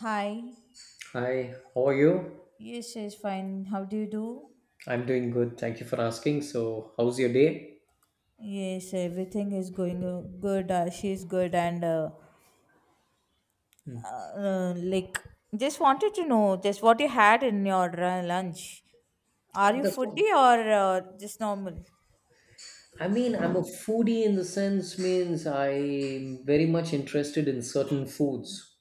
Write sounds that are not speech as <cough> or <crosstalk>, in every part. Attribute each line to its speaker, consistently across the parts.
Speaker 1: Hi.
Speaker 2: Hi, how are you?
Speaker 1: Yes, she's fine. How do you do?
Speaker 2: I'm doing good. Thank you for asking. So, how's your day?
Speaker 1: Yes, everything is going good. She's good, and uh, like just wanted to know just what you had in your lunch. Are
Speaker 2: Uh,
Speaker 1: you
Speaker 2: That's all.
Speaker 1: foodie or just normal?
Speaker 2: I mean, I'm a foodie in the sense means I'm very much interested in certain foods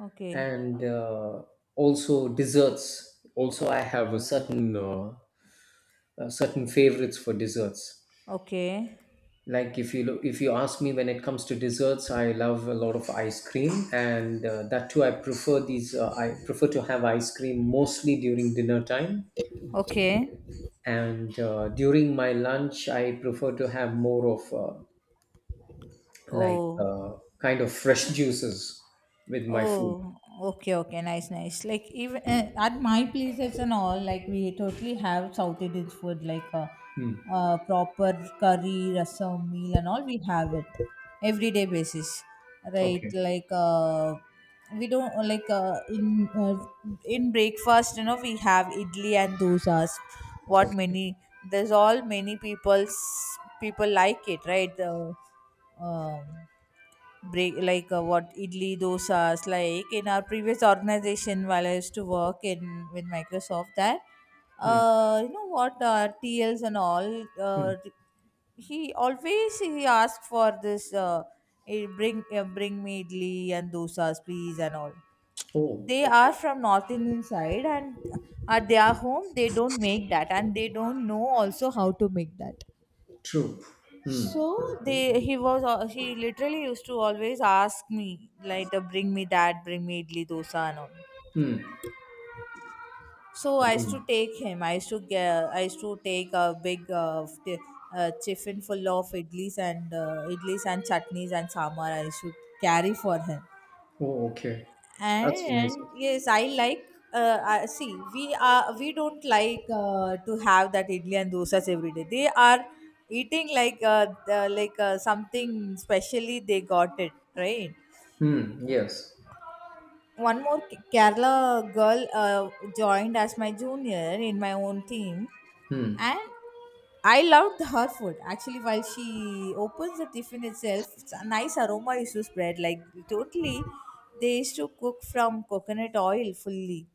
Speaker 1: Okay,
Speaker 2: and also desserts. Also, I have a certain favorites for desserts.
Speaker 1: okay,
Speaker 2: Like if you look, if you ask me when it comes to desserts, I love a lot of ice cream, and that too I prefer these. I prefer to have ice cream mostly during dinner time
Speaker 1: okay.
Speaker 2: and during my lunch I prefer to have more of like
Speaker 1: Oh,
Speaker 2: kind of fresh juices with my food.
Speaker 1: oh, okay, okay, nice, nice. Like even at my places and all, like we totally have South Indian food, proper curry, rasam, meal, and all. We have it everyday basis, right?
Speaker 2: Okay.
Speaker 1: Like we don't like in In breakfast, you know, we have idli and dosas. What
Speaker 2: Okay.
Speaker 1: many? There's all many people's people like it, right? Um break what idli dosas like in our previous organization while I used to work in with Microsoft. That
Speaker 2: Hmm.
Speaker 1: you know what, T Ls and all,
Speaker 2: Hmm.
Speaker 1: uh, he always he asked for this, bring me idli and dosas please and all.
Speaker 2: Oh,
Speaker 1: They are
Speaker 2: okay.
Speaker 1: from North Indian side, and at their home they don't make that, and they don't know also how to make that.
Speaker 2: True. Hmm.
Speaker 1: So they he literally used to always ask me like, the bring me that bring me idli dosa and all.
Speaker 2: Hmm.
Speaker 1: So
Speaker 2: I
Speaker 1: I used
Speaker 2: mean,
Speaker 1: to take him. I used to take a big tiffin full of idlis and chutneys and sambar. I used to carry for him.
Speaker 2: oh, okay, that's
Speaker 1: And
Speaker 2: amazing.
Speaker 1: yes, I like, see we are we don't like to have that idli and dosas every day. They are eating something specially they got it, right?
Speaker 2: Hmm. Yes,
Speaker 1: One more Kerala girl joined as my junior in my own team, and I loved her food actually. While she opens the tiffin itself, it's a nice aroma is to spread. Like totally, they used to cook from coconut oil fully.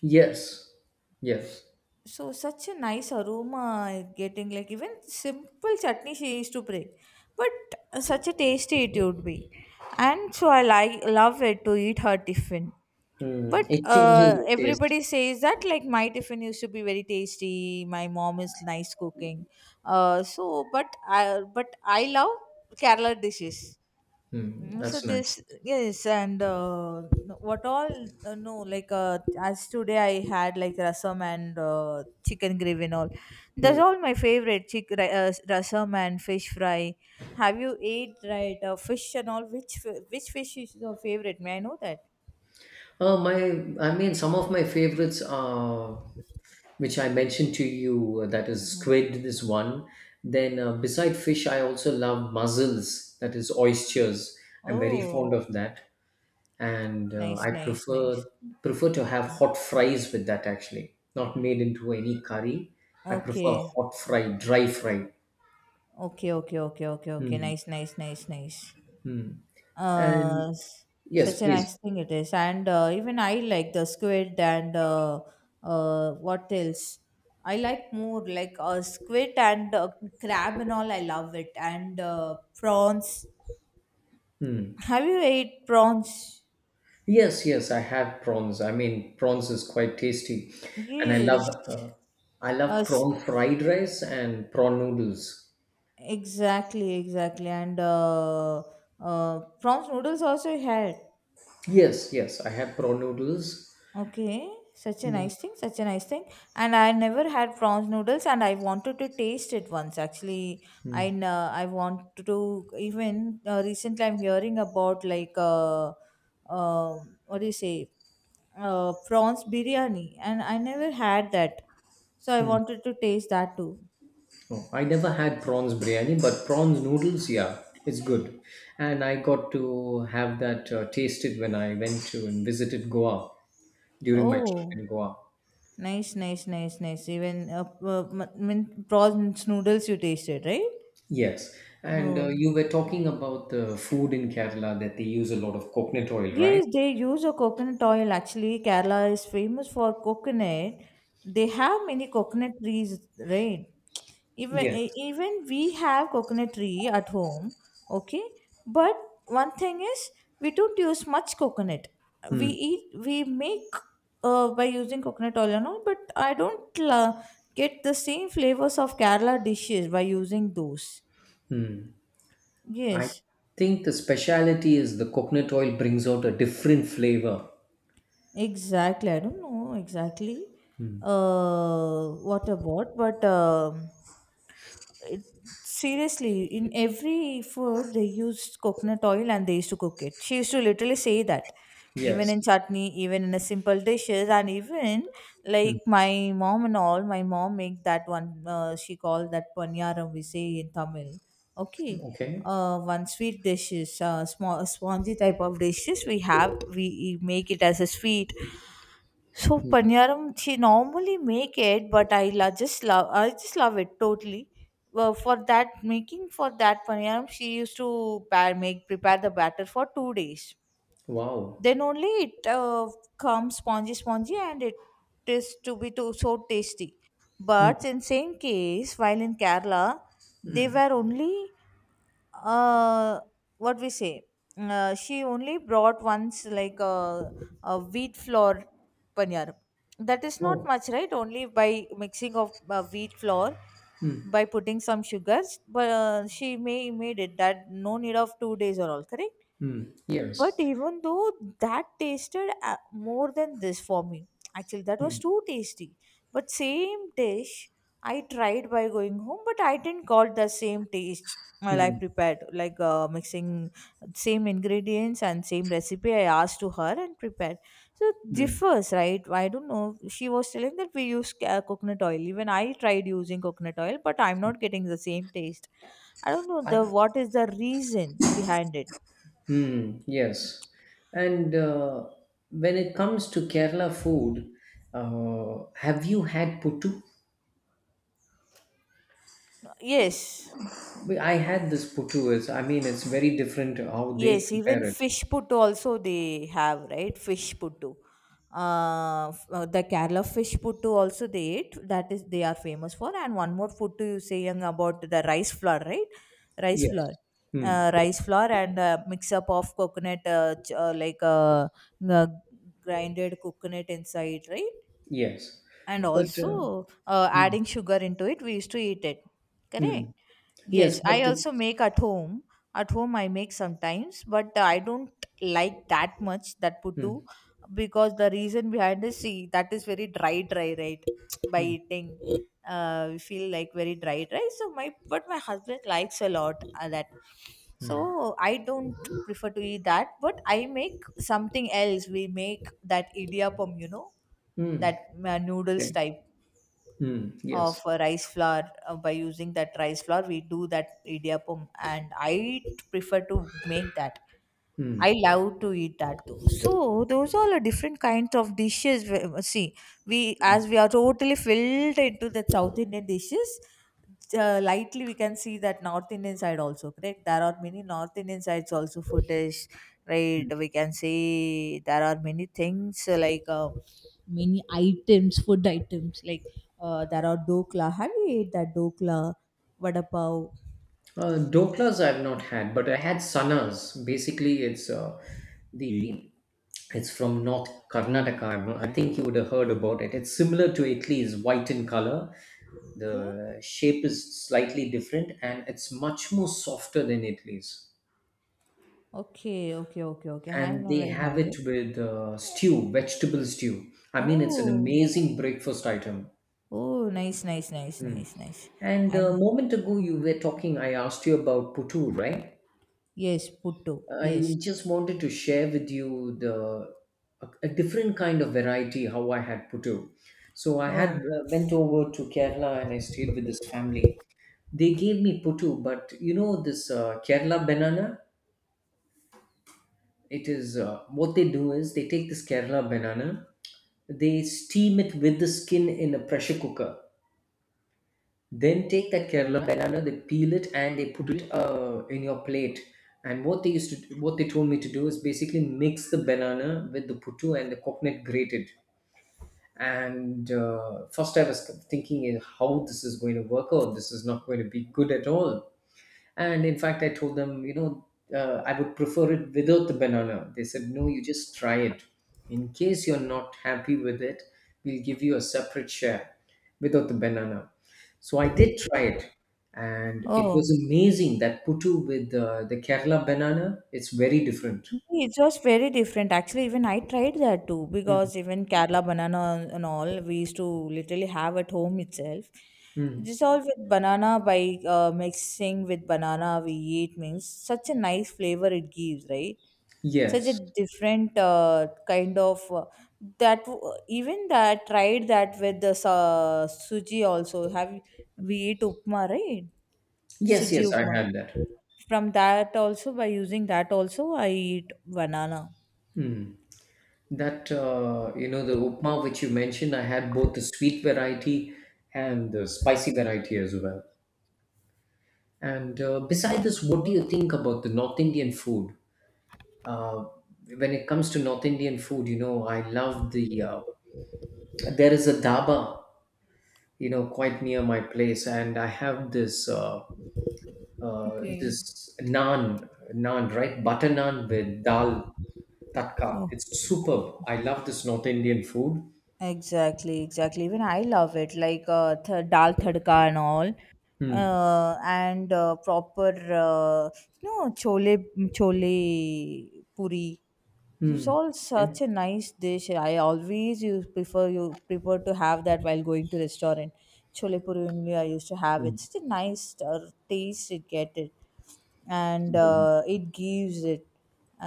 Speaker 2: yes, yes.
Speaker 1: So such a nice aroma is getting, like even simple chutney she used to bring, but such a tasty it would be, and so I like love it to eat her tiffin.
Speaker 2: Hmm.
Speaker 1: But
Speaker 2: It changes the taste.
Speaker 1: everybody says that like my tiffin used to be very tasty. My mom is nice cooking, but I love Kerala dishes.
Speaker 2: Hmm.
Speaker 1: Mm, so
Speaker 2: That's
Speaker 1: this
Speaker 2: nice.
Speaker 1: yes, and what all, no like as today I had like rasam and chicken gravy and all. That's
Speaker 2: Hmm.
Speaker 1: all my favorite, rasam and fish fry. Have you ate, right? Fish and all, which fish is your favorite, may I know that?
Speaker 2: Uh, my, I mean, some of my favorites are which I mentioned to you, that is
Speaker 1: Mhm.
Speaker 2: squid, this one. Then, beside fish, I also love mussels, that is oysters. I'm very fond
Speaker 1: Oh,
Speaker 2: of that, and
Speaker 1: nice,
Speaker 2: I
Speaker 1: nice, nice.
Speaker 2: prefer to have hot fries with that actually, not made into any curry. I prefer
Speaker 1: Okay,
Speaker 2: hot fry, dry fry.
Speaker 1: okay, okay, okay, okay, okay,
Speaker 2: Mm-hmm.
Speaker 1: nice, nice, nice, nice.
Speaker 2: Mm-hmm. And
Speaker 1: Uh, s- such
Speaker 2: yes,
Speaker 1: a
Speaker 2: please.
Speaker 1: nice thing it is, and even I like the squid, and what else? I like more like squid and crab and all. I love it, and prawns. Have you ate prawns?
Speaker 2: Yes, yes, I have prawns. I mean, prawns is quite tasty, and I
Speaker 1: Yes.
Speaker 2: love uh,
Speaker 1: Uh, s-
Speaker 2: prawn fried rice and prawn noodles.
Speaker 1: exactly, exactly, and prawns noodles also I had.
Speaker 2: Yes, yes, I have prawn noodles.
Speaker 1: Okay, such a
Speaker 2: Mm,
Speaker 1: nice thing, such a nice thing. And I never had prawns noodles, and I wanted to taste it once. Actually,
Speaker 2: mm,
Speaker 1: I want to, even recently, I'm hearing about like uh, what do you say, prawns biryani, and I never had that, so I
Speaker 2: mm.
Speaker 1: wanted to taste that too.
Speaker 2: Oh, I never had prawns biryani, but prawns noodles, yeah, it's good. And I got to have that tasted when I went to and visited Goa during my trip
Speaker 1: Oh,
Speaker 2: in Goa.
Speaker 1: nice, nice, nice, nice. Even mean, prawns noodles you tasted, right?
Speaker 2: Yes, and
Speaker 1: No.
Speaker 2: you were talking about the food in Kerala that they use a lot of coconut oil, right?
Speaker 1: Yes, they use a coconut oil. Actually, Kerala is famous for coconut. They have many coconut trees, right? Even
Speaker 2: Yes.
Speaker 1: even we have coconut tree at home, okay? But one thing is, we don't use much coconut.
Speaker 2: Hmm.
Speaker 1: We make by using coconut oil and all, but I don't get the same flavors of Kerala dishes by using those.
Speaker 2: I
Speaker 1: Yes.
Speaker 2: think the speciality is the coconut oil brings out a different flavor.
Speaker 1: Exactly. I don't know exactly what about, but it, seriously, in every food they used coconut oil and they used to cook it. She used to literally say that, even
Speaker 2: Yes.
Speaker 1: in chutney, even in a simple dishes, and even
Speaker 2: Hmm.
Speaker 1: like my mom and all. My mom make that one. She called that panyaram, we say in Tamil. Okay.
Speaker 2: Okay.
Speaker 1: One sweet dishes, small spongy type of dishes we have. We make it as a sweet, so
Speaker 2: Hmm.
Speaker 1: paniyaram, she normally make it, but I just love it totally. Well, for that paniyaram, she used to pa- make prepare the batter for 2 days.
Speaker 2: Wow.
Speaker 1: Then only it comes spongy, spongy, and it is to be too so tasty.
Speaker 2: Hmm.
Speaker 1: But in same case, while in Kerala, they were only, uh what we say she only brought once like a wheat flour paneer. That is not
Speaker 2: Oh.
Speaker 1: much, right? Only by mixing of wheat flour,
Speaker 2: Mm,
Speaker 1: by putting some sugars, but she may made it that no need of 2 days or all, correct?
Speaker 2: mm,
Speaker 1: But
Speaker 2: yes.
Speaker 1: even though, that tasted more than this for me. Actually, that was
Speaker 2: Mm,
Speaker 1: too tasty. But same dish I tried by going home, but I didn't got the same taste while I
Speaker 2: mm,
Speaker 1: prepared, like mixing same ingredients and same recipe I asked to her and prepared. So it
Speaker 2: mm.
Speaker 1: differs, right? I don't know. She was telling that we use coconut oil. Even I tried using coconut oil, but I'm not getting the same taste. I don't know
Speaker 2: I,
Speaker 1: the what is the reason behind it.
Speaker 2: mm, yes. And when it comes to Kerala food, have you had puttu?
Speaker 1: Yes.
Speaker 2: I had this puttu. It's, I mean, it's very different how
Speaker 1: Yes,
Speaker 2: they
Speaker 1: even
Speaker 2: prepare it.
Speaker 1: fish puttu also they have, right? Fish puttu. The Kerala fish puttu also they eat. That is, they are famous for. And one more puttu you saying about the rice flour, right? Rice
Speaker 2: Yes.
Speaker 1: flour.
Speaker 2: Mm,
Speaker 1: Rice flour and mix up of coconut, uh, grinded coconut inside, right?
Speaker 2: yes.
Speaker 1: And
Speaker 2: But
Speaker 1: also
Speaker 2: Mm,
Speaker 1: adding sugar into it, we used to eat it, correct?
Speaker 2: mm, yes.
Speaker 1: Yes, I
Speaker 2: but
Speaker 1: also
Speaker 2: it's
Speaker 1: make at home. At home I make sometimes, but I don't like that much that puttu,
Speaker 2: Mm,
Speaker 1: because the reason behind is, see, that is very dry, dry, right? <tsk> By
Speaker 2: mm,
Speaker 1: eating feel like very dry rice. So my husband likes a lot that.
Speaker 2: mm,
Speaker 1: So I don't prefer to eat that, but I make something else. We make that idiyappam, you know,
Speaker 2: mm,
Speaker 1: that noodles
Speaker 2: okay.
Speaker 1: type
Speaker 2: Mm,
Speaker 1: of
Speaker 2: yes.
Speaker 1: rice flour, by using that rice flour, we do that idiyappam, and I prefer to make that. I
Speaker 2: Mm.
Speaker 1: love to eat that too. So those are the different kinds of dishes. See, we, as we are totally filled into the South Indian dishes, lightly we can see that North Indian side also, correct? There are many North Indian sides also for dish, right? We can say there are many things, many items, food items, like there are dokla. Have you ate that dokla, vada pav?
Speaker 2: Doklas I've not had, but I had sanas. Basically, the it's from North Karnataka. I think you would have heard about it. It's similar to Italy's white in color. The shape is slightly different, and it's much more softer than Italy's.
Speaker 1: Okay, okay, okay, okay, okay. I have
Speaker 2: And they
Speaker 1: never
Speaker 2: have
Speaker 1: had
Speaker 2: it
Speaker 1: it.
Speaker 2: with stew, vegetable stew. I mean, it's an
Speaker 1: Oh,
Speaker 2: amazing breakfast item.
Speaker 1: oh, nice, nice, nice,
Speaker 2: Mm.
Speaker 1: nice, nice.
Speaker 2: And
Speaker 1: And
Speaker 2: a moment ago, you were talking. I asked you about puttu, right?
Speaker 1: yes, puttu, yes.
Speaker 2: I just wanted to share with you a different kind of variety how I had putu. So I had
Speaker 1: Oh,
Speaker 2: went over to Kerala and I stayed with this family. They gave me putu, but you know this Kerala banana. It is what they do is they take this Kerala banana, they steam it with the skin in a pressure cooker. Then take that Kerala banana, they peel it and they put it in your plate. And what they told me to do is basically mix the banana with the puttu and the coconut grated. And first, I was thinking, how this is going to work out. This is not going to be good at all. And in fact, I told them, I would prefer it without the banana. They said, no, you just try it. In case you're not happy with it, we'll give you a separate share without the banana. So I did try it. And it
Speaker 1: oh,
Speaker 2: was amazing that puttu with the Kerala banana, it's very different.
Speaker 1: it was very different. Actually, even I tried that too,
Speaker 2: Mm,
Speaker 1: because even Kerala banana and all, we used to literally have at home itself.
Speaker 2: mm.
Speaker 1: This all with banana, by mixing with banana we eat, means such a nice flavor it gives, right? Such a
Speaker 2: Yes.
Speaker 1: different even that tried that with the suji also have, we eat upma, right?
Speaker 2: Yes,
Speaker 1: Suji
Speaker 2: yes, I
Speaker 1: upma,
Speaker 2: had that.
Speaker 1: from that also, by using that also I eat banana.
Speaker 2: Hmm. The upma which you mentioned, I had both the sweet variety and the spicy variety as well. And beside this, what do you think about the North Indian food? Uh, when it comes to North Indian food, you know, I love the. There is a dhaba, quite near my place, and I have this uh, uh,
Speaker 1: Okay.
Speaker 2: this naan, naan, right? Butter naan with dal tatka.
Speaker 1: Oh,
Speaker 2: It's superb. I love this North Indian food.
Speaker 1: exactly, exactly. Even I love it, like dal tadka and all,
Speaker 2: Hmm.
Speaker 1: and proper, uh, no chole, chole puri. It's
Speaker 2: Hmm.
Speaker 1: all
Speaker 2: Okay.
Speaker 1: such a nice dish. I always use prefer you prefer to have that while going to restaurant. Chole puri only I used to have
Speaker 2: Hmm.
Speaker 1: it. Such a nice taste it get it, and
Speaker 2: Amazing.
Speaker 1: it gives it,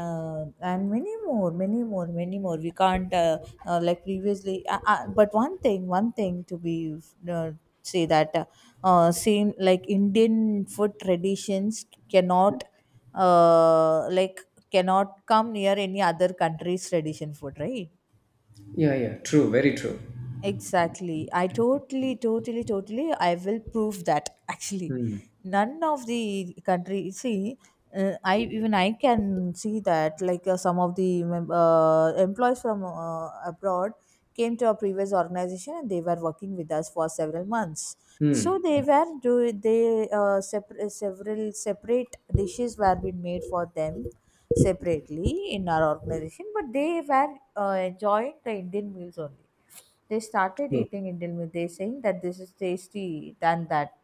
Speaker 1: and many more, many more, many more. We can't, like previously. But one thing to be uh, say that same like Indian food traditions cannot uh, like cannot come near any other country's tradition food, right?
Speaker 2: Yeah. Yeah. True. Very true.
Speaker 1: Exactly. I totally, totally, totally. I will prove that <laughs> actually.
Speaker 2: Hmm.
Speaker 1: None of the country, see, I even I can see that, like some of the employees from abroad came to our previous organization and they were working with us for several months. So
Speaker 2: Hmm.
Speaker 1: they were, several separate dishes were being made for them separately in our organization, but they were enjoying the Indian meals only. They started
Speaker 2: True.
Speaker 1: eating Indian meat. They saying that this is tasty than that.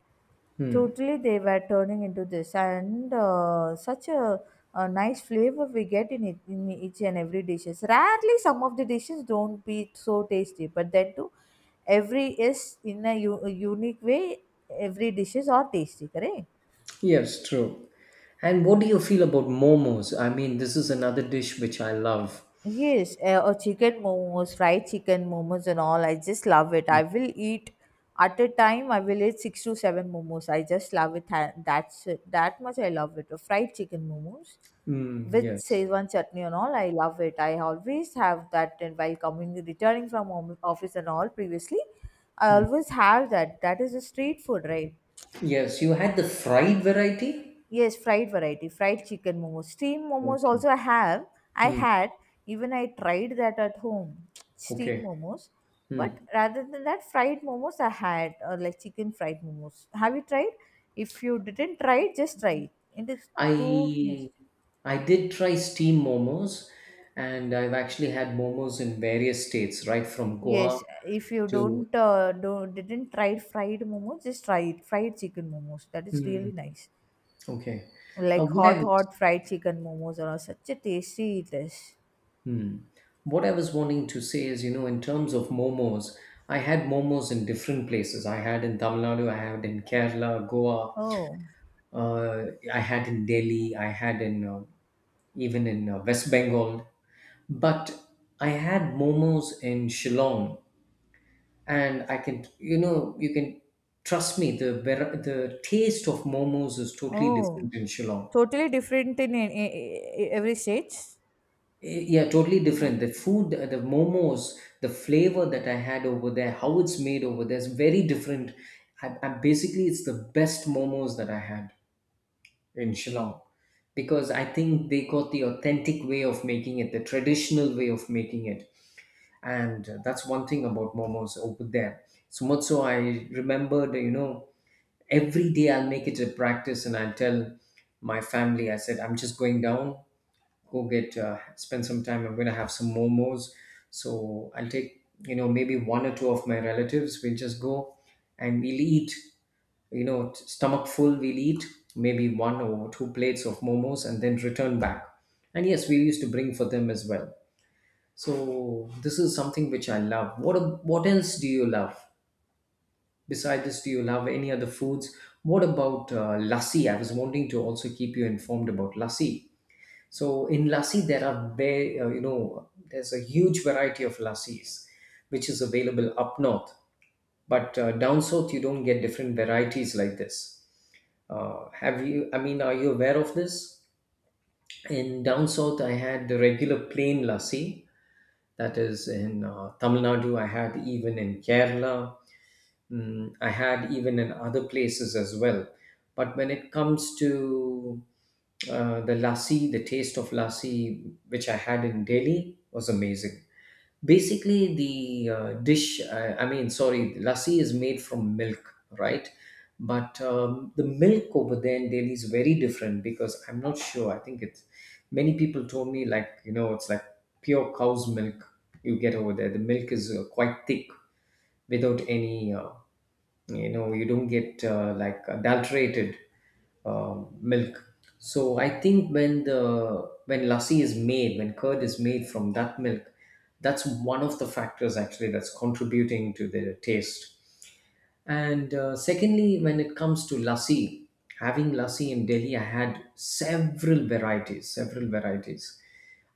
Speaker 2: Hmm.
Speaker 1: Totally, they were turning into this, and such a nice flavor we get in it, in each and every dishes. Rarely, some of the dishes don't be so tasty, but then too, every is in a, a unique way. Every dishes are tasty, correct?
Speaker 2: Yes, true. And what do you feel about momos? I mean, this is another dish which I love.
Speaker 1: Yes, or chicken momos, fried chicken momos, and all. I just love it. I
Speaker 2: Mm.
Speaker 1: will eat at a time. I will eat six to seven momos. I just love it. That's it. That much. I love it. Fried chicken momos
Speaker 2: Mm,
Speaker 1: with
Speaker 2: yes.
Speaker 1: Szechuan chutney and all. I love it. I always have that. And while coming returning from home, office and all previously, I
Speaker 2: Mm.
Speaker 1: always have that. That is a street food, right?
Speaker 2: Yes, you had the fried variety?
Speaker 1: Yes, fried variety, fried chicken momos. Steam momos
Speaker 2: Okay.
Speaker 1: also I have. I
Speaker 2: Mm,
Speaker 1: had, even I tried that at home, <tsk> steam
Speaker 2: okay.
Speaker 1: momos. But
Speaker 2: Mm.
Speaker 1: rather than that, fried momos I had, or like chicken fried momos. Have you tried? If you didn't try it, just try it. It is too.
Speaker 2: I I did try steam momos, and I've actually had momos in various states, right from Goa
Speaker 1: Yes, if you
Speaker 2: to.
Speaker 1: don't, didn't try fried momos, just try it. Fried chicken momos. That is really
Speaker 2: Mm,
Speaker 1: nice.
Speaker 2: okay.
Speaker 1: Like
Speaker 2: What I
Speaker 1: hot,
Speaker 2: was
Speaker 1: hot fried chicken momos are such a tasty it is.
Speaker 2: Hmm. What I was wanting to say is, you know, in terms of momos, I had momos in different places. I had in Tamil Nadu, I had in Kerala, Goa,
Speaker 1: Oh,
Speaker 2: I had in Delhi, I had in even in West Bengal. But I had momos in Shillong, and I can, you know, you can trust me. The taste of momos is totally
Speaker 1: oh.
Speaker 2: different in Shillong.
Speaker 1: Totally different in, every stage
Speaker 2: Yeah, yeah, totally different. The food, the momos, the flavor that I had over there, how it's made over there is very different. It's the best momos that I had in Shillong because I think they got the authentic way of making it, the traditional way of making it. And that's one thing about momos over there. So much so, I remembered, every day I'll make it a practice and I'll tell my family, I said, I'm just going down, go get spend some time. I'm gonna have some momos, so I'll take, maybe one or two of my relatives. We'll just go and we'll eat, stomach full, we'll eat maybe one or two plates of momos and then return back. And yes, we used to bring for them as well. So this is something which I love. What else do you love besides this? Do you love any other foods? What about lassi? I was wanting to also keep you informed about lassi. So in lassi, there are very, you know, there's a huge variety of lassis, which is available up north. But down south, you don't get different varieties like this. Have you? I mean, are you aware of this? In down south, I had the regular plain lassi. That is in Tamil Nadu. I had even in Kerala. I had even in other places as well. But when it comes to the lassi, the taste of lassi, which I had in Delhi, was amazing. Basically, I mean, sorry, lassi is made from milk, right? But the milk over there in Delhi is very different because I'm not sure. I think it's Many people told me, like, it's like pure cow's milk you get over there. The milk is quite thick without any you don't get like adulterated uh, milk. So I think when the when lassi is made, when curd is made from that milk, that's one of the factors actually that's contributing to the taste. And secondly, when it comes to lassi, having lassi in Delhi, I had several varieties, several varieties,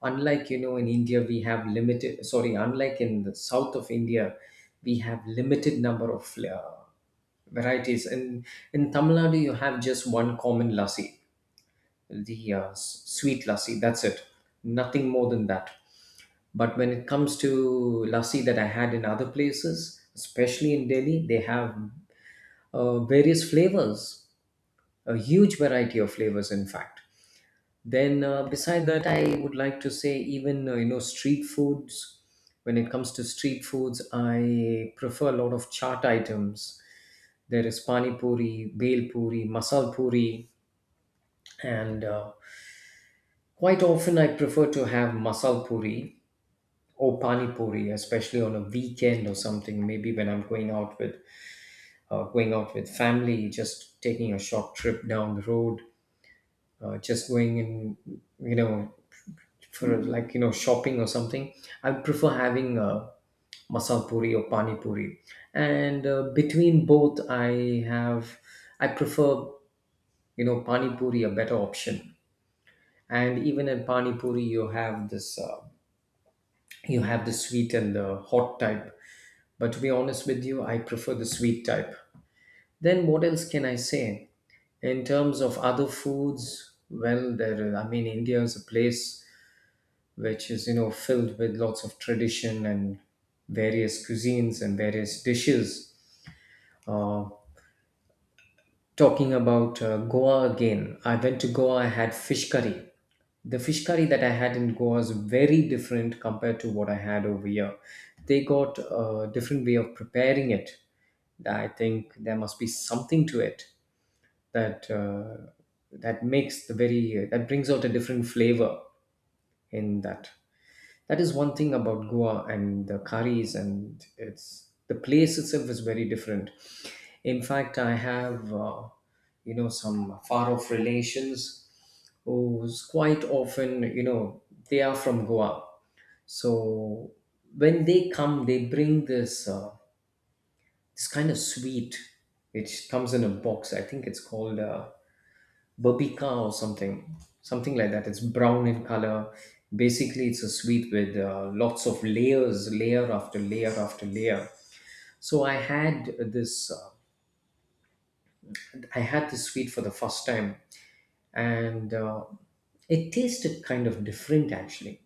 Speaker 2: unlike in India we have limited. Sorry, unlike in the south of India, we have limited number of flavor varieties. In Tamil Nadu, you have just one common lassi, the sweet lassi. That's it. Nothing more than that. But when it comes to lassi that I had in other places, especially in Delhi, they have various flavors, a huge variety of flavors, in fact. Then, beside that, I would like to say even street foods. When it comes to street foods, I prefer a lot of chaat items. There is pani puri, bhel puri, masal puri, and quite often I prefer to have masal puri or pani puri, especially on a weekend or something. Maybe when I'm going out with family, just taking a short trip down the road, just going in, you know, for like shopping or something. I prefer having masal puri or pani puri, and between both, I prefer pani puri a better option. And even in pani puri, you have this you have the sweet and the hot type. But to be honest with you, I prefer the sweet type. Then what else can I say in terms of other foods. Well, there I mean, India is a place which is filled with lots of tradition and various cuisines and various dishes. uh, Talking about Goa again, I went to Goa, I had fish curry. The fish curry that I had in Goa is very different compared to what I had over here. They got a different way of preparing it. I think there must be something to it that uh, that makes the very that brings out a different flavor in that. That is one thing about Goa and the curries, and it's the place itself is very different. In fact, I have you know, some far off relations who's quite often, you know, they are from Goa. So when they come, they bring this this kind of sweet which comes in a box. I think it's called babika or something, something like that. It's brown in color. Basically, it's a sweet with lots of layers, layer after layer after layer. So I had this sweet for the first time, and it tasted kind of different actually.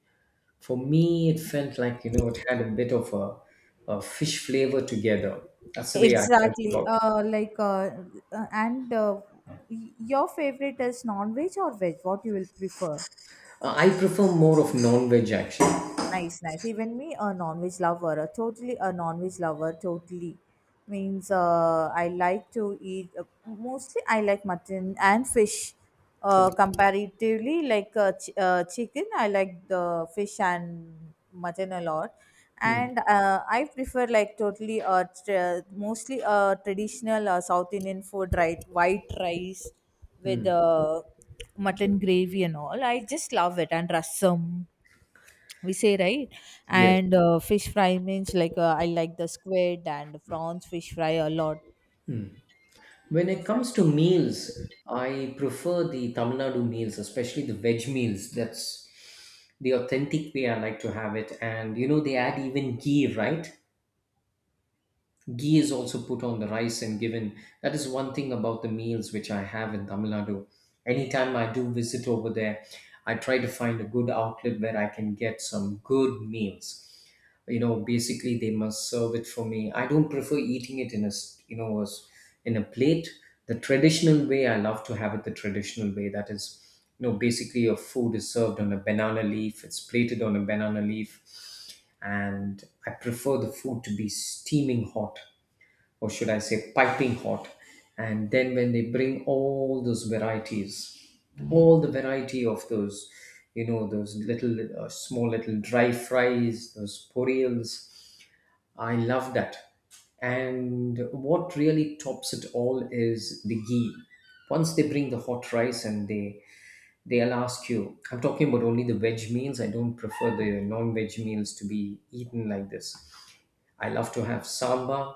Speaker 2: For me, it felt like, you know, it had a bit of a fish flavor together. That's the way I felt
Speaker 1: exactly
Speaker 2: about it.
Speaker 1: like and your favorite is non-veg or veg, what you will prefer?
Speaker 2: I prefer more of non-veg actually.
Speaker 1: Nice, nice. Even me, a non-veg lover, a totally a non-veg lover, totally. Means I like to eat, mostly I like mutton and fish.
Speaker 2: Okay.
Speaker 1: Comparatively, like chicken, I like the fish and mutton a lot.
Speaker 2: Hmm.
Speaker 1: And I prefer like totally, tr mostly traditional South Indian food, right? White rice with
Speaker 2: Hmm.
Speaker 1: mutton gravy and all. I just love it. And rasam we say, right?
Speaker 2: Yes.
Speaker 1: And fish fry means like I like the squid and prawns fish fry a lot.
Speaker 2: When it comes to
Speaker 1: Exactly.
Speaker 2: meals, I prefer the Tamil Nadu meals, especially the veg meals. That's the authentic way I like to have it. And you know, they add even ghee, right? Ghee is also put on the rice and given. That is one thing about the meals which I have in Tamil Nadu. Anytime I do visit over there, I try to find a good outlet where I can get some good meals. You know, basically they must serve it for me. I don't prefer eating it in a you know, as- in a plate. The traditional way I love to have it The traditional way. That is, you know, basically your food is served on a banana leaf. It's plated on a banana leaf, and I prefer the food to be steaming hot, or should I say piping hot. And then when they bring all those varieties, all the variety of those, you know, those little small little dry fries, those purials, I love that. And what really tops it all is the ghee. Once they bring the hot rice and they'll ask you, I'm talking about only the veg meals. I don't prefer the non-veg meals to be eaten like this. I love to have sambar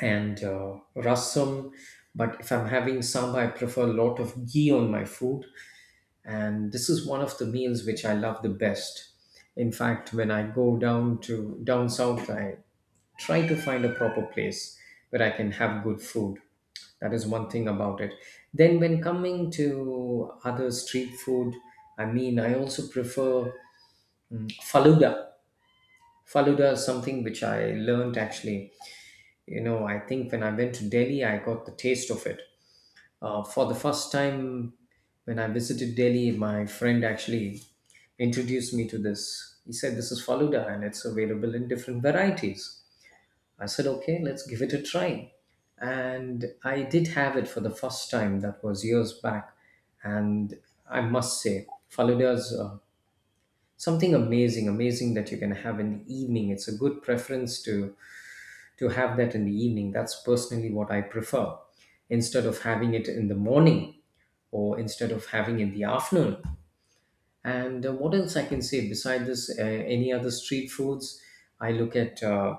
Speaker 2: and rasam. But if I'm having sambar, I prefer a lot of ghee on my food. And this is one of the meals which I love the best. In fact, when I go down to down south, I try to find a proper place where I can have good food. That is one thing about it. Then, when coming to other street food, I mean, I also prefer Faluda. Faluda is something which I learned actually, you know, I think when I went to Delhi, I got the taste of it. For the first time when I visited Delhi, my friend actually introduced me to this. He said, this is Faluda and it's available in different varieties. I said, okay, let's give it a try. And I did have it for the first time, that was years back. And I must say, Faluda is something amazing, amazing that you can have in the evening. It's a good preference to have that in the evening. That's personally what I prefer, instead of having it in the morning or instead of having in the afternoon. And what else I can say beside this? Any other street foods? I look at,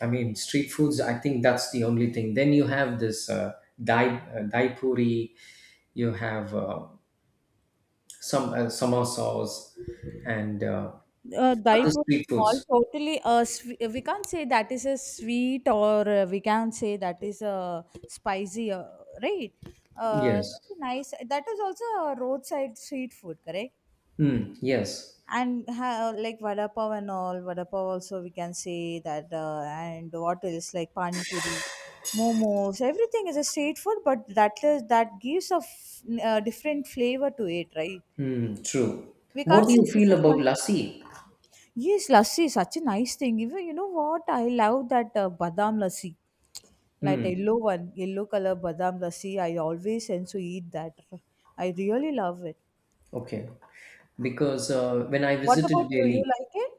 Speaker 2: I mean, street foods. I think that's the only thing. Then you have this dai puri. You have some samosas and
Speaker 1: uh, dye
Speaker 2: other
Speaker 1: pro-
Speaker 2: street
Speaker 1: all
Speaker 2: foods.
Speaker 1: totally we can't say that is a sweet, or we can't say that is a spicy, right?
Speaker 2: Yes.
Speaker 1: So nice, that is also a roadside street food, correct?
Speaker 2: Mm, yes.
Speaker 1: And like vada pav and all, vada pav also we can say that, and what else, like pani puri, momos, everything is a street food, but that is, that gives a different flavor to it, right?
Speaker 2: Hmm, true.
Speaker 1: We can't
Speaker 2: What do
Speaker 1: say
Speaker 2: you
Speaker 1: this
Speaker 2: feel
Speaker 1: is
Speaker 2: about
Speaker 1: my
Speaker 2: lassi?
Speaker 1: yes, lassi is such a nice thing. Even you know what I love, that badam lassi, like yellow one, yellow color badam lassi, I always tend to eat that. I really love it.
Speaker 2: Okay, because when I
Speaker 1: What about
Speaker 2: visited
Speaker 1: you, you
Speaker 2: Delhi,
Speaker 1: like it?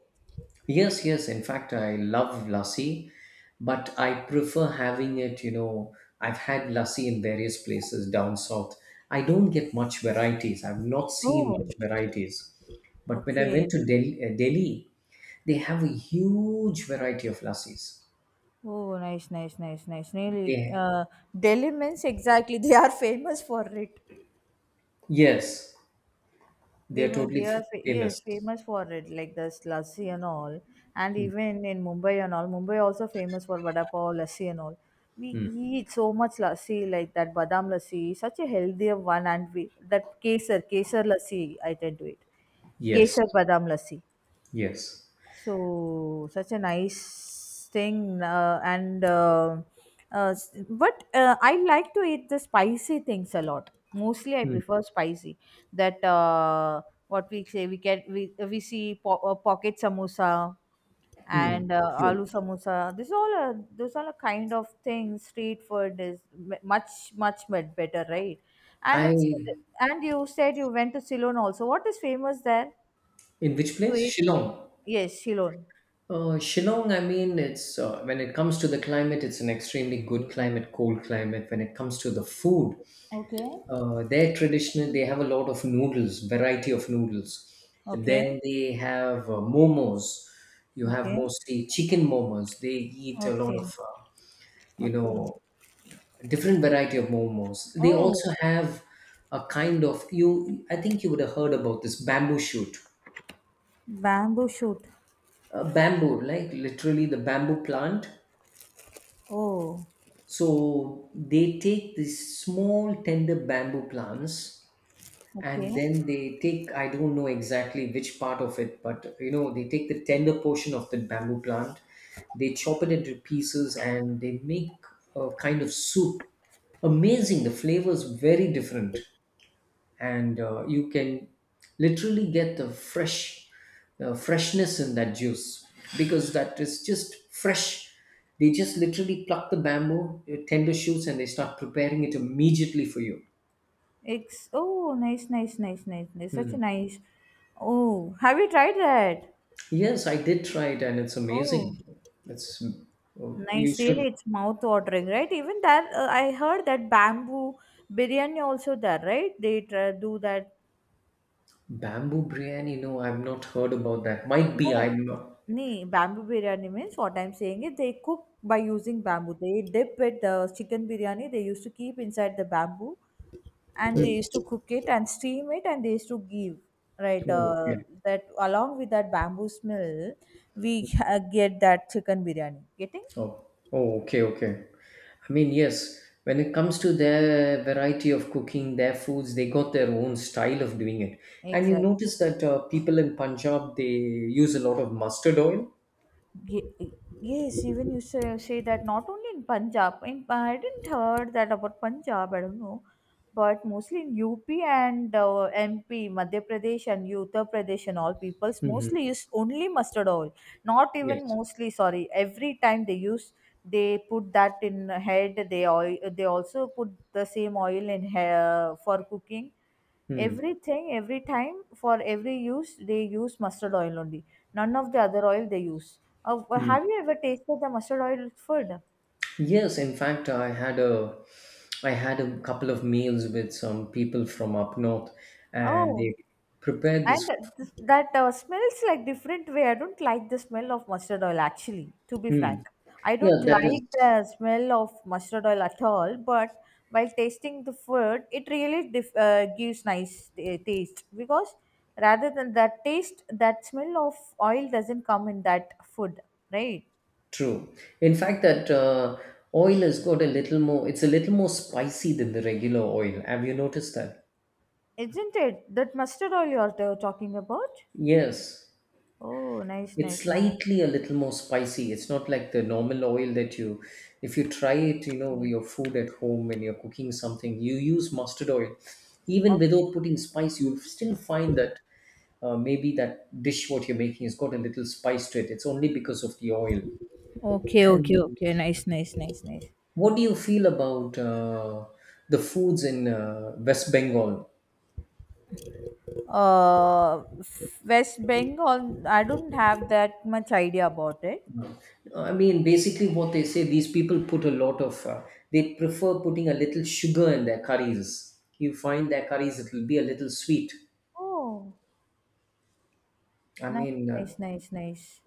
Speaker 2: yes, yes, in fact, I love lassi, but I prefer having it, you know, I've had lassi in various places down south. I don't get much varieties. I've not seen
Speaker 1: Oh,
Speaker 2: much varieties. But when I went
Speaker 1: okay.
Speaker 2: to Delhi, they have a huge variety of lassis.
Speaker 1: Oh, nice, nice, nice, nice. Really,
Speaker 2: They,
Speaker 1: Delhi means exactly they are famous for it.
Speaker 2: yes, they are totally
Speaker 1: They are yes,
Speaker 2: famous.
Speaker 1: famous for it, like the lassi and all, and even in Mumbai and all. Mumbai also famous for vada pav, lassi and all. We eat so much lassi, like that badam lassi, such a healthier one, and we that kesar, kesar lassi, I tend to eat,
Speaker 2: Yes,
Speaker 1: kesar badam lassi.
Speaker 2: yes.
Speaker 1: So such a nice thing, and s- but I like to eat the spicy things a lot. Mostly, I
Speaker 2: Hmm.
Speaker 1: prefer spicy. That what we say we get, we see pocket samosa
Speaker 2: Hmm,
Speaker 1: and aloo
Speaker 2: true.
Speaker 1: samosa. This all a, those all a kind of things. Street food is much much better, right? And
Speaker 2: I
Speaker 1: instead,
Speaker 2: in
Speaker 1: and you said you went to Ceylon also. What is famous there
Speaker 2: which
Speaker 1: to
Speaker 2: place?
Speaker 1: eat?
Speaker 2: Shillong.
Speaker 1: Yes, Ceylon.
Speaker 2: Shillong, I mean, it's when it comes to the climate, it's an extremely good climate, cold climate. When it comes to the food,
Speaker 1: Okay.
Speaker 2: they're traditional. They have a lot of noodles, variety of noodles.
Speaker 1: Okay,
Speaker 2: Then they have momos. You have
Speaker 1: okay,
Speaker 2: mostly chicken momos. They eat a lot of,
Speaker 1: okay,
Speaker 2: you
Speaker 1: okay.
Speaker 2: know, different variety of momos. They
Speaker 1: Oh,
Speaker 2: also have a kind of you. I think you would have heard about this bamboo shoot.
Speaker 1: bamboo shoot.
Speaker 2: Bamboo, like literally the bamboo plant.
Speaker 1: Oh,
Speaker 2: So they take these small, tender bamboo plants, and
Speaker 1: okay.
Speaker 2: then they take, I don't know exactly which part of it, but you know, they take the tender portion of the bamboo plant, they chop it into pieces and they make a kind of soup. Amazing. The flavor is very different. And you can literally get the fresh the freshness in that juice, because that is just fresh. They just literally pluck the bamboo tender shoots and they start preparing it immediately for you.
Speaker 1: It's oh, nice, nice, nice, nice, nice. Such a
Speaker 2: Hmm.
Speaker 1: nice. Oh, have you tried that?
Speaker 2: Yes, I did try it and it's
Speaker 1: Oh,
Speaker 2: amazing. It's oh, you
Speaker 1: nice.
Speaker 2: should.
Speaker 1: Really, it's mouth watering, right? Even that, I heard that bamboo biryani also there, right? They try, do that?
Speaker 2: Bamboo biryani, no, I've not heard about that, might be
Speaker 1: No,
Speaker 2: I'm not.
Speaker 1: nahi, bamboo biryani means what I'm saying is they cook by using bamboo. They dip it, chicken biryani, they used to keep inside the bamboo and they
Speaker 2: Hmm.
Speaker 1: used to cook it and steam it and they used to give, right?
Speaker 2: Oh, okay.
Speaker 1: That along with that bamboo smell, we get that chicken biryani. Getting?
Speaker 2: Oh, oh, okay, okay. I mean, yes, when it comes to their variety of cooking, their foods, they got their own style of doing it. And you
Speaker 1: Exactly.
Speaker 2: notice that people in Punjab, they use a lot of mustard oil.
Speaker 1: Ye- Yes, even you say, say that not only in Punjab. In, I didn't heard that about Punjab. I don't know, but mostly in UP and MP, Madhya Pradesh and Uttar Pradesh and all peoples
Speaker 2: Hmm.
Speaker 1: mostly use only mustard oil. Not even
Speaker 2: Yes.
Speaker 1: mostly. Sorry, every time they use, they put that in head. They oil. They also put the same oil in hair for cooking.
Speaker 2: Mm.
Speaker 1: Everything, every time, for every use, they use mustard oil only. None of the other oil they use. Oh, but
Speaker 2: Mm.
Speaker 1: have you ever tasted the mustard oil food?
Speaker 2: Yes, in fact, I had a couple of meals with some people from up north, and
Speaker 1: Oh,
Speaker 2: they prepared
Speaker 1: and
Speaker 2: this.
Speaker 1: that smells like different way. I don't like the smell of mustard oil actually, to be
Speaker 2: Mm.
Speaker 1: frank. I don't
Speaker 2: Yeah, that is.
Speaker 1: like the smell of mustard oil at all, but while tasting the food, it really gives nice taste, because rather than that taste, that smell of oil doesn't come in that food, right?
Speaker 2: True. In fact, that oil has got a little more, it's a little more spicy than the regular oil. Have you noticed that?
Speaker 1: Isn't it that mustard oil you're talking about?
Speaker 2: Yes.
Speaker 1: Oh, nice,
Speaker 2: It's
Speaker 1: nice. No.
Speaker 2: slightly a little more spicy. It's not like the normal oil that you, if you try it, you know, with your food at home when you're cooking something, you use mustard oil. Even
Speaker 1: Okay.
Speaker 2: without putting spice, you'll still find that maybe that dish what you're making has got a little spice to it. It's only because of the oil.
Speaker 1: Okay, okay,
Speaker 2: And.
Speaker 1: okay. Nice, nice, nice, nice.
Speaker 2: What do you feel about the foods in West Bengal?
Speaker 1: Uh, West Bengal, I don't have that much idea about it.
Speaker 2: I mean, basically, what they say, these people put a lot of, they prefer putting a little sugar in their curries. You find their curries, it will be a little sweet.
Speaker 1: Oh,
Speaker 2: I
Speaker 1: nice,
Speaker 2: mean, uh,
Speaker 1: nice, nice, nice.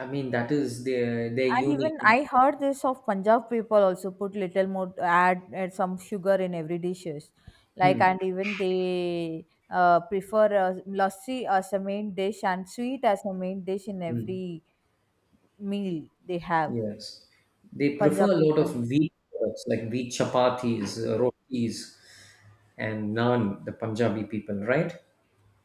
Speaker 2: I mean that is their
Speaker 1: And
Speaker 2: unique.
Speaker 1: even I heard this of Punjab people also put little more add, add some sugar in every dishes, like,
Speaker 2: Hmm.
Speaker 1: and even they prefer lassi as a main dish and sweet as a main dish in
Speaker 2: Hmm,
Speaker 1: every meal they have.
Speaker 2: yes, they prefer
Speaker 1: Punjab
Speaker 2: a lot of
Speaker 1: people.
Speaker 2: wheat products like wheat chapatis, rotis, and naan. The Punjabi people, right?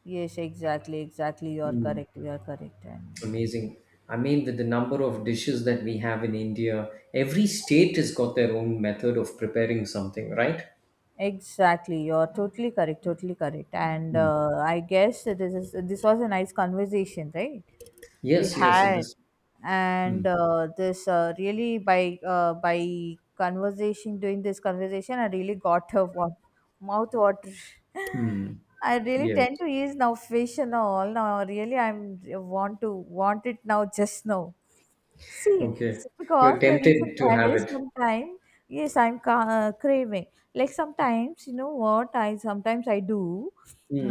Speaker 1: Yes, exactly, exactly. You're correct. You're correct. And
Speaker 2: Amazing. I mean, with the number of dishes that we have in India, every state has got their own method of preparing something, right?
Speaker 1: exactly, you're totally correct. Totally correct. And I guess this is, this was a nice conversation, right? We
Speaker 2: Yes, yes. It
Speaker 1: had,
Speaker 2: is.
Speaker 1: and this really by conversation doing this conversation, I really got a mouth water.
Speaker 2: Hmm.
Speaker 1: <laughs> I really
Speaker 2: Yes.
Speaker 1: tend to use now fish and all now, really I'm want to want it now, just now. See,
Speaker 2: Okay.
Speaker 1: because
Speaker 2: You're
Speaker 1: the reason
Speaker 2: tempted to
Speaker 1: behind
Speaker 2: have
Speaker 1: is
Speaker 2: it.
Speaker 1: sometimes, yes, I'm craving. Like sometimes, you know what? I sometimes I do.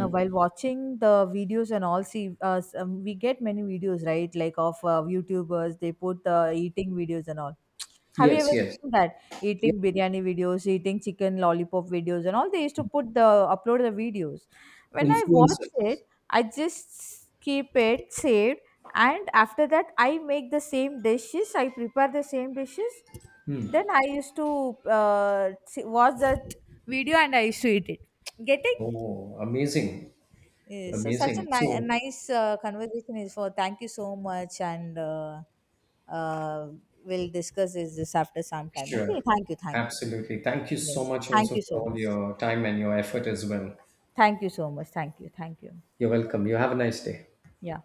Speaker 1: While watching the videos and all, see some, we get many videos, right, like of youtubers, they put eating videos and all. Have you
Speaker 2: Yes,
Speaker 1: ever
Speaker 2: yes.
Speaker 1: seen that,
Speaker 2: Yeah.
Speaker 1: eating biryani videos, eating chicken lollipop videos and all? They used to put the upload the videos. When I
Speaker 2: Influences.
Speaker 1: watch it, I just keep it saved, and after that I make the same dishes, I prepare the same dishes, then I used to watch that video and I used to eat it. Getting?
Speaker 2: Oh, amazing.
Speaker 1: Yeah, so such a,
Speaker 2: Amazing.
Speaker 1: a
Speaker 2: So,
Speaker 1: nice conversation is for. Thank you so much, and uh, we'll discuss this, this after some time. Okay,
Speaker 2: sure.
Speaker 1: thank you, thank you.
Speaker 2: Absolutely. Thank you so
Speaker 1: Yes,
Speaker 2: much
Speaker 1: thank
Speaker 2: also
Speaker 1: you
Speaker 2: for
Speaker 1: so
Speaker 2: all
Speaker 1: much.
Speaker 2: your time and your effort as well.
Speaker 1: Thank you so much. Thank you, thank you.
Speaker 2: You're welcome. You have a nice day.
Speaker 1: Yeah.